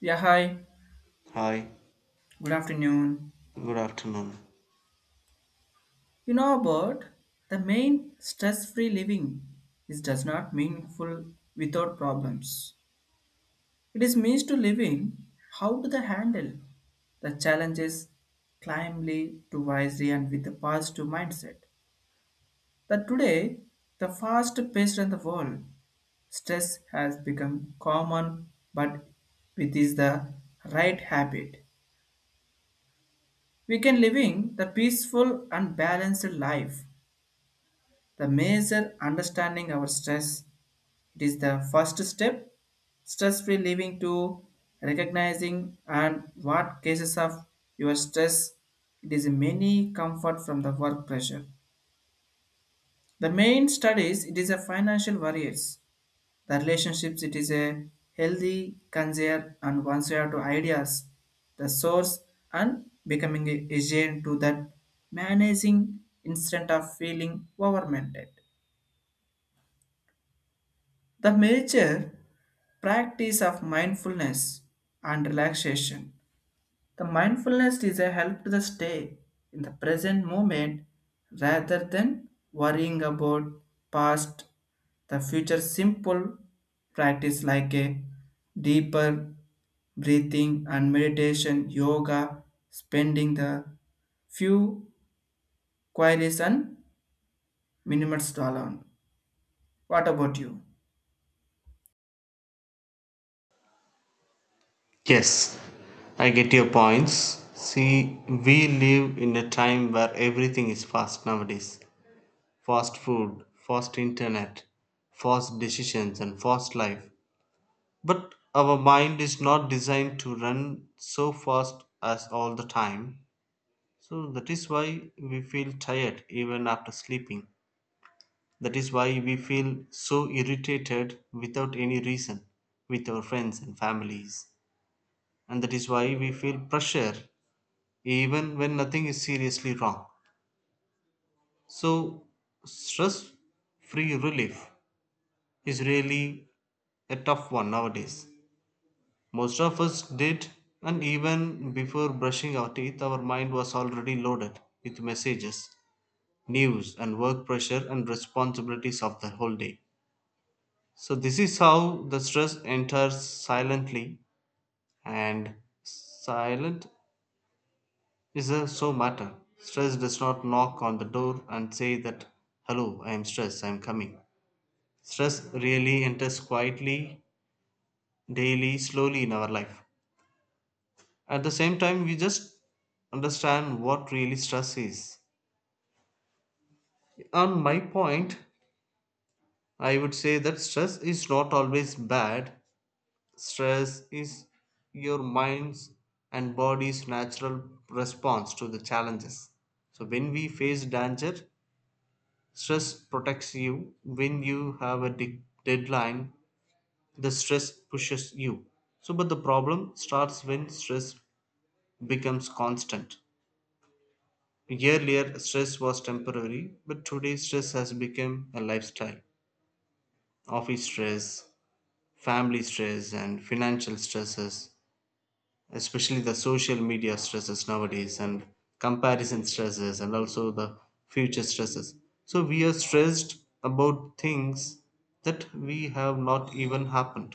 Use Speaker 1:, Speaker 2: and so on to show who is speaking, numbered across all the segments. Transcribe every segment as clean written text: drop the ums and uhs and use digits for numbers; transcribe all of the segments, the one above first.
Speaker 1: Yeah, hi.
Speaker 2: Hi,
Speaker 1: Good afternoon.
Speaker 2: good afternoon.
Speaker 1: You know about the main stress-free living is does not meaningful without problems. It is means to living how to the handle the challenges calmly to wisely and with a positive mindset. That today the fast paced in the world stress has become common but it is the right habit we can living the peaceful and balanced life. The major understanding our stress, it is the first step stress free living to recognizing and what cases of your stress, it is many comfort from the work pressure, the main studies, it is a financial worries, the relationships, it is a healthy concern, and once you have to ideas the source and becoming a agent to that managing instead of feeling overwhelmed. The major practice of mindfulness and relaxation. The mindfulness is a help to the stay in the present moment rather than worrying about past, the future. Simple practice like a deeper breathing and meditation, yoga, spending the few queries and minutes alone. What about you?
Speaker 2: Yes, I get your points. See, we live in a time where everything is fast nowadays, fast food, fast internet, fast decisions, and fast life. But our mind is not designed to run so fast as all the time. So that is why we feel tired even after sleeping. That is why we feel so irritated without any reason with our friends and families, and that is why we feel pressure even when nothing is seriously wrong. So, stress free relief is really a tough one nowadays. Most of us did, and even before brushing our teeth, our mind was already loaded with messages, news, and work pressure and responsibilities of the whole day. So, this is how the stress enters silently, and silent is a so matter. Stress does not knock on the door and say that, hello, I am stressed, I am coming. Stress really enters quietly, daily, slowly in our life. At the same time, we just understand what really stress is. On my point, I would say that stress is not always bad. Stress is your mind's and body's natural response to the challenges. So, when we face danger, stress protects you. When you have a deadline, the stress pushes you. So, but the problem starts when stress becomes constant. Earlier, stress was temporary, but today, stress has become a lifestyle. Office stress, family stress, and financial stresses, especially the social media stresses nowadays, and comparison stresses, and also the future stresses. So we are stressed about things that we have not even happened.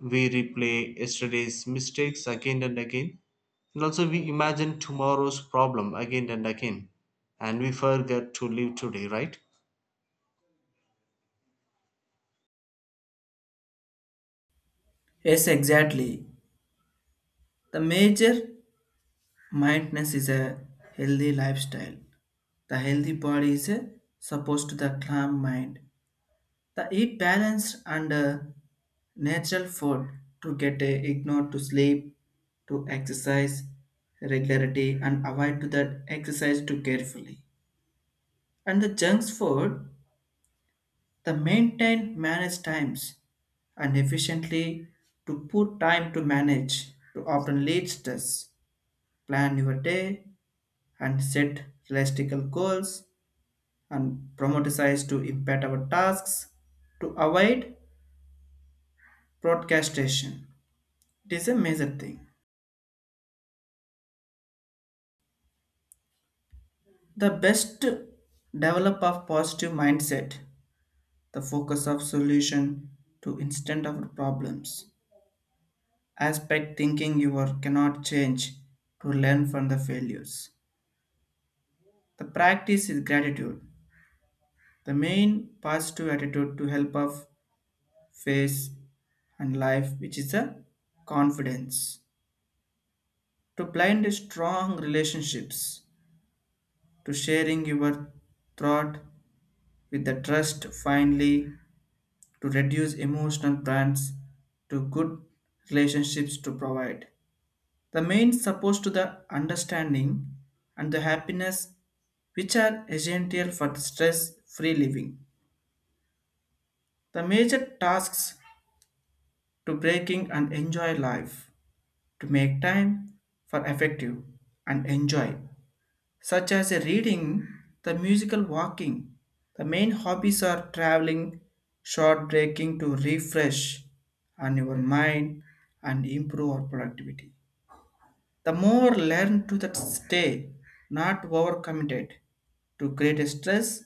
Speaker 2: We replay yesterday's mistakes again and again, and also we imagine tomorrow's problem again and again, and we forget to live today, right?
Speaker 1: Yes, exactly. The major mindfulness is a healthy lifestyle. The healthy body is supposed to the calm mind. The eat balanced and natural food to get a ignore to sleep, to exercise regularity and avoid to that exercise too carefully. And the junk food, the maintain manage times and efficiently to put time to manage to often leads stress. Plan your day and set realistic goals and prioritized to impact our tasks to avoid procrastination. It is a major thing. The best develop of positive mindset, the focus of solution to instant of problems. Aspect thinking you are cannot change to learn from the failures. The practice is gratitude. The main positive attitude to help of face and life, which is a confidence. To blind strong relationships, to sharing your thought with the trust finally to reduce emotional brands to good relationships to provide the main support to the understanding and the happiness which are essential for stress free living, the major tasks to breaking and enjoy life to make time for effective and enjoy such as reading, the musical walking. The main hobbies are traveling, short breaking to refresh on your mind and improve our productivity. The more learn to that stay, not overcommitted to great stress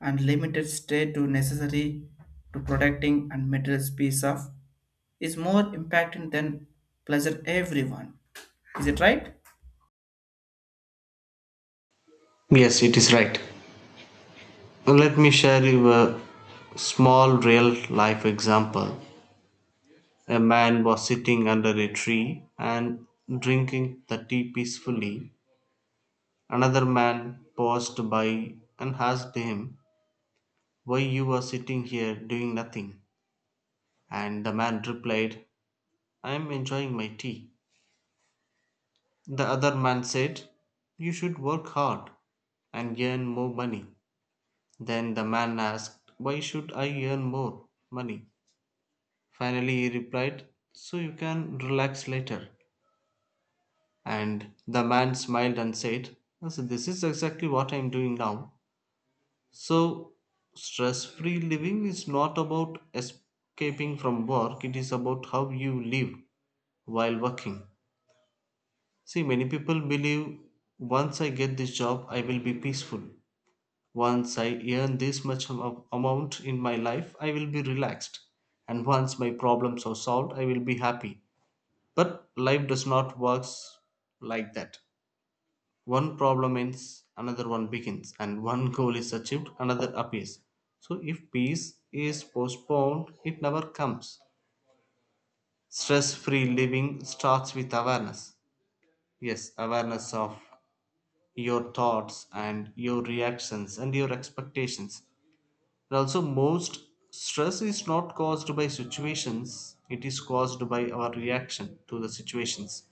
Speaker 1: and limited stay to necessary to protecting and material peace of is more impacting than pleasure everyone. Is it right?
Speaker 2: Yes, it is right. Let me share you a small real life example. A man was sitting under a tree and drinking the tea peacefully. Another man passed by and asked him, "Why you are sitting here doing nothing?" And the man replied, "I am enjoying my tea." The other man said, "You should work hard and earn more money." Then the man asked, "Why should I earn more money?" Finally he replied, "So you can relax later." And the man smiled and said, "So this is exactly what I am doing now." So, stress free living is not about escaping from work, it is about how you live while working. See, many people believe once I get this job, I will be peaceful. Once I earn this much amount in my life, I will be relaxed. And once my problems are solved, I will be happy. But life does not work like that. One problem ends, another one begins, and one goal is achieved, another appears. So, if peace is postponed, it never comes. Stress free living starts with awareness. Yes, awareness of your thoughts and your reactions and your expectations. And also, most stress is not caused by situations, it is caused by our reaction to the situations.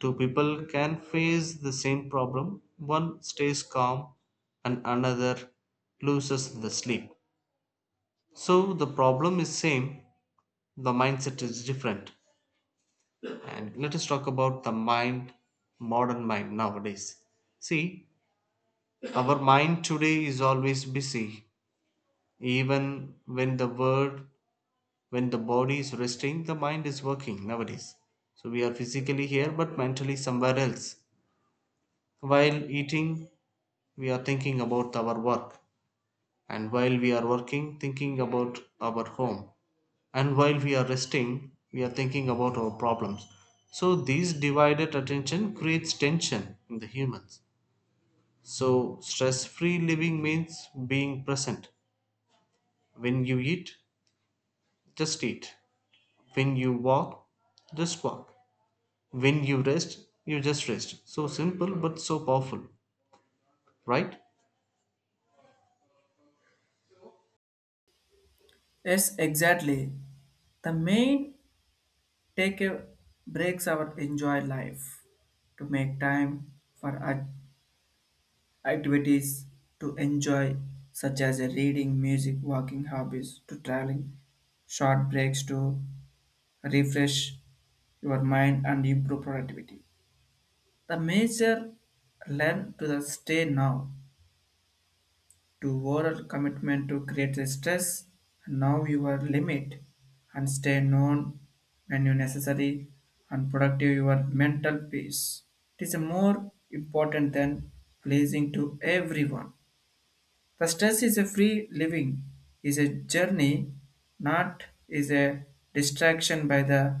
Speaker 2: Two people can face the same problem. One stays calm and another loses the sleep. So the problem is same, the mindset is different. And let us talk about the mind, modern mind nowadays. See, our mind today is always busy. Even when when the body is resting, the mind is working nowadays. So we are physically here but mentally somewhere else. While eating, we are thinking about our work, and while we are working, thinking about our home, and while we are resting, we are thinking about our problems. So, this divided attention creates tension in the humans. So, stress free living means being present. When you eat, just eat. When you walk, just walk. When you rest, you just rest. So simple but so powerful, right?
Speaker 1: Yes, exactly. The main take a breaks our enjoy life to make time for activities to enjoy such as a reading, music, walking hobbies to traveling, short breaks to refresh your mind and improve productivity. The major learn to the stay now to oral commitment to create the stress, know your limit, and stay known when you necessary and productive your mental peace. It is more important than pleasing to everyone. The stress is a free living, is a journey, not is a distraction by the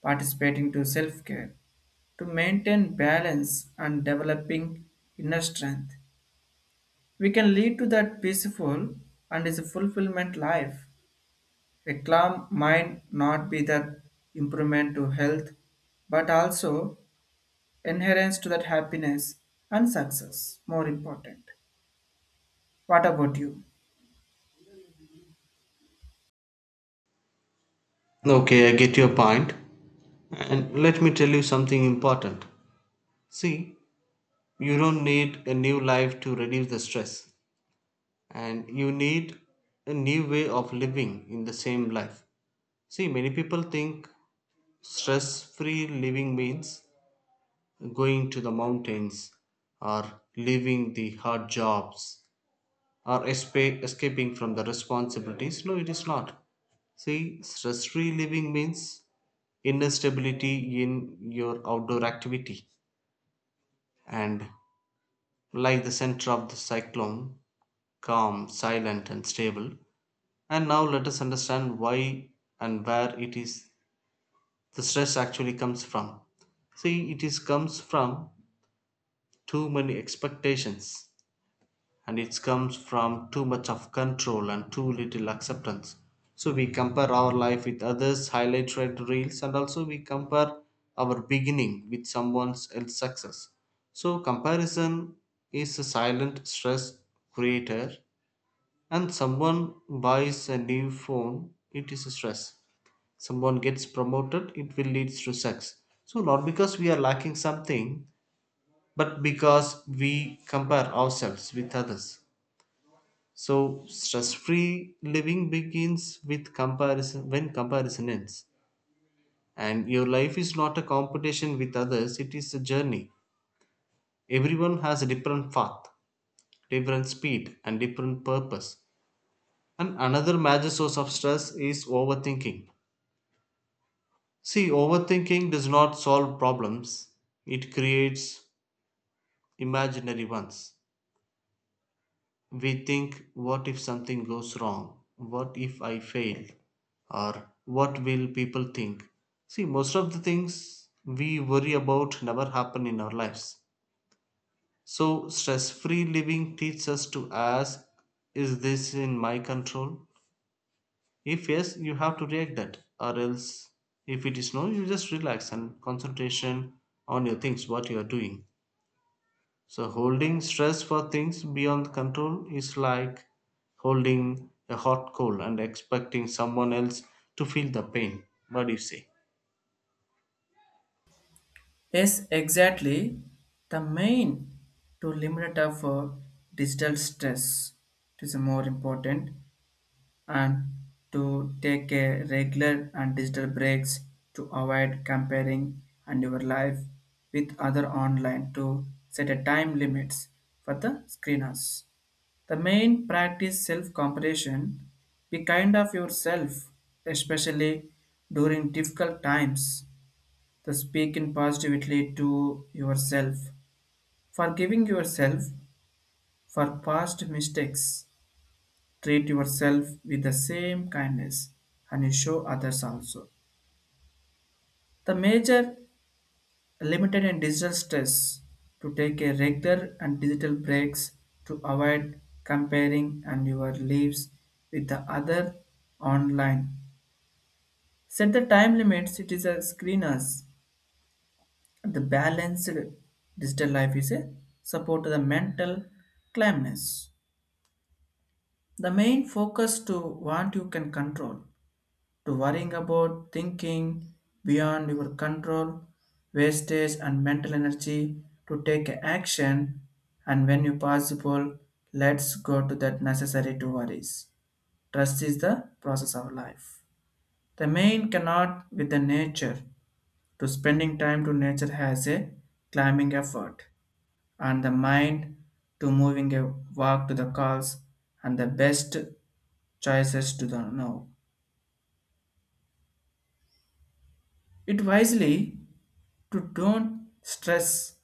Speaker 1: participating to self-care to maintain balance and developing inner strength we can lead to that peaceful and is a fulfillment life. A calm mind not be that improvement to health, but also inherence to that happiness and success. More important. What about you?
Speaker 2: Okay, I get your point. And let me tell you something important. See, you don't need a new life to reduce the stress, and you need a new way of living in the same life. See, many people think stress free living means going to the mountains, or leaving the hard jobs, or escaping from the responsibilities. No, it is not. See, stress free living means inner stability in your outdoor activity, and like the center of the cyclone, calm, silent, and stable. And now let us understand why and where it is the stress actually comes from. See, it is comes from too many expectations, and it comes from too much of control and too little acceptance. So we compare our life with others, highlight red reels, and also we compare our beginning with someone else's success. So comparison is a silent stress creator, and someone buys a new phone, it is a stress. Someone gets promoted, it will lead to sex. So, not because we are lacking something, but because we compare ourselves with others. So, stress free living begins with comparison when comparison ends. And your life is not a competition with others, it is a journey. Everyone has a different path, different speed, and different purpose. And another major source of stress is overthinking. See, overthinking does not solve problems, it creates imaginary ones. We think, what if something goes wrong? What if I fail? Or what will people think? See, most of the things we worry about never happen in our lives. So, stress free living teaches us to ask, is this in my control? If yes, you have to react that, or else if it is no, you just relax and concentration on your things, what you are doing. So holding stress for things beyond control is like holding a hot coal and expecting someone else to feel the pain. What do you say?
Speaker 1: Yes, exactly. The main to limit of digital stress. It is more important and to take a regular and digital breaks to avoid comparing and your life with other online to set a time limits for the screeners. The main practice self-compassion, be kind of yourself, especially during difficult times. The speaking positively to yourself, forgiving yourself for past mistakes. Treat yourself with the same kindness and you show others also. The major limited and digital stress to take a regular and digital breaks to avoid comparing and your lives with the other online. Set the time limits, it is a screeners. The balanced digital life is a support to the mental calmness. The main focus to what you can control to worrying about thinking beyond your control, wastage and mental energy to take action and when you possible, let's go to that necessary to worries. Trust is the process of life. The main cannot with the nature to spending time to nature has a climbing effort and the mind to moving a walk to the calls and the best choices to the now. It wisely to don't stress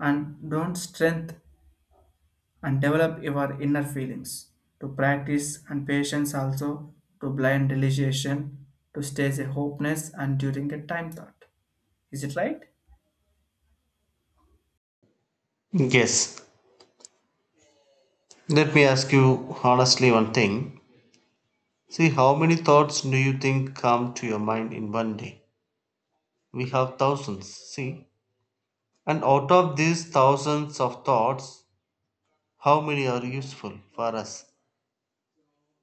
Speaker 1: and don't strength and develop your inner feelings to practice and patience also to blind realization to stay a hopeless and during a time thought. Is it right?
Speaker 2: Yes. Let me ask you honestly one thing. See, how many thoughts do you think come to your mind in one day? We have thousands, see? And out of these thousands of thoughts, how many are useful for us?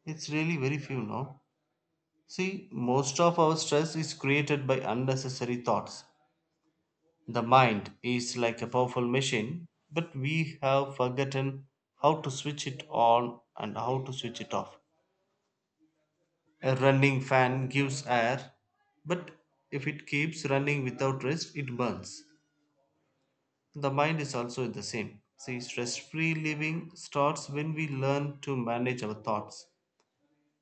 Speaker 2: It's really very few, no? See, most of our stress is created by unnecessary thoughts. The mind is like a powerful machine, but we have forgotten how to switch it on and how to switch it off. A running fan gives air, but if it keeps running without rest, it burns. The mind is also the same. See, stress free living starts when we learn to manage our thoughts,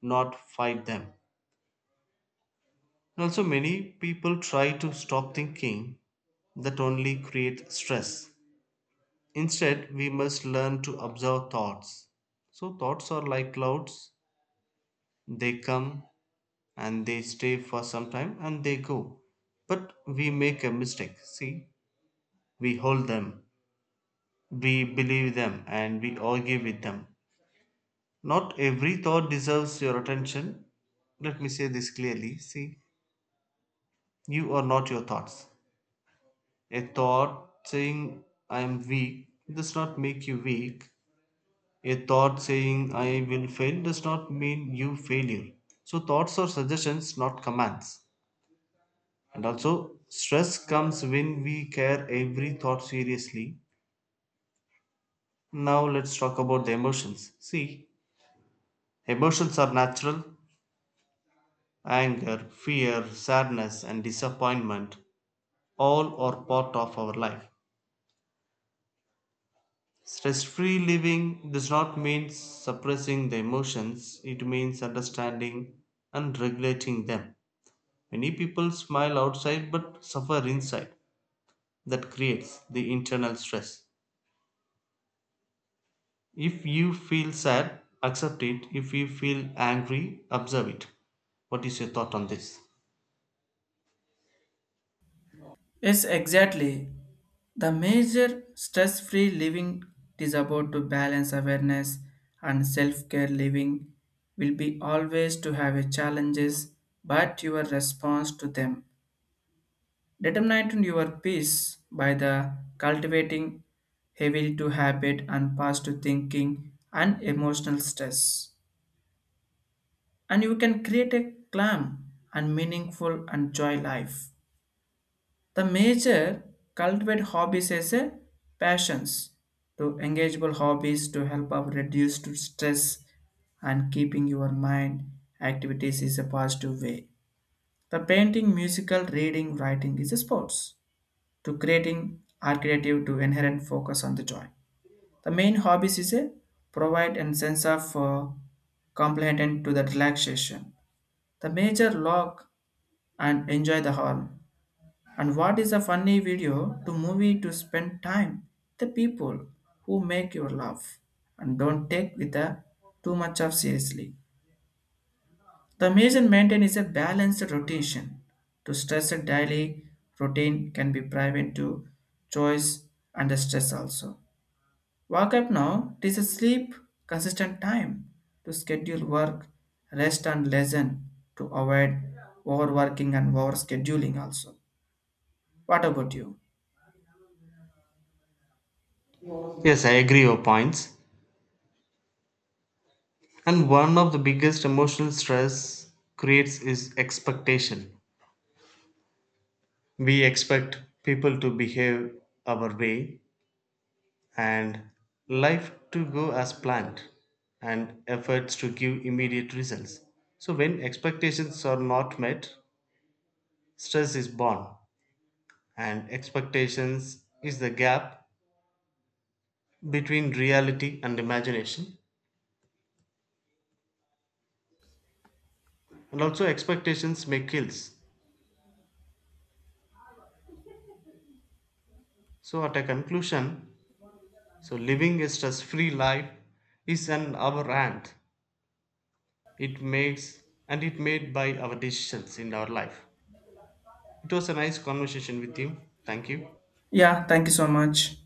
Speaker 2: not fight them. And also, many people try to stop thinking that only create stress. Instead, we must learn to observe thoughts. So, thoughts are like clouds, they come and they stay for some time and they go. But we make a mistake. See, we hold them, we believe them, and we argue with them. Not every thought deserves your attention. Let me say this clearly. See, you are not your thoughts. A thought saying I am weak does not make you weak. A thought saying I will fail does not mean you failure. So thoughts are suggestions, not commands. And also, stress comes when we care every thought seriously. Now let's talk about the emotions. See, emotions are natural. Anger, fear, sadness, and disappointment, all are part of our life. Stress free living does not mean suppressing the emotions, it means understanding and regulating them. Many people smile outside but suffer inside. That creates the internal stress. If you feel sad, accept it. If you feel angry, observe it. What is your thought on this?
Speaker 1: Yes, exactly. The major stress free living is about to balance awareness and self care living will be always to have a challenges but your response to them determine your peace by the cultivating heavy to habit and past to thinking and emotional stress. And you can create a calm and meaningful and joy life. The major cultivate hobbies as a passions to engageable hobbies to help up reduce to stress and keeping your mind activities is a positive way. The painting, musical, reading, writing is a sports to creating are creative to inherent focus on the joy. The main hobbies is a provide and sense of complement to the relaxation. The major log and enjoy the hall. And what is a funny video to movie to spend time? The people who make your laugh and don't take with a too much of seriously. The major maintain is a balanced rotation. To stress a daily routine can be private to choice and the stress also. Wake up now. It is a sleep consistent time to schedule work, rest and lesson to avoid overworking and over scheduling also. What about you?
Speaker 2: Yes, I agree your points. And one of the biggest emotional stress creates is expectation. We expect people to behave our way, and life to go as planned, and efforts to give immediate results. So, when expectations are not met, stress is born, and expectations is the gap between reality and imagination, and also expectations make kills. So, at a conclusion, so living a stress free life is an our hand. It makes and it made by our decisions in our life. It was a nice conversation with you. Thank you.
Speaker 1: Yeah, thank you so much.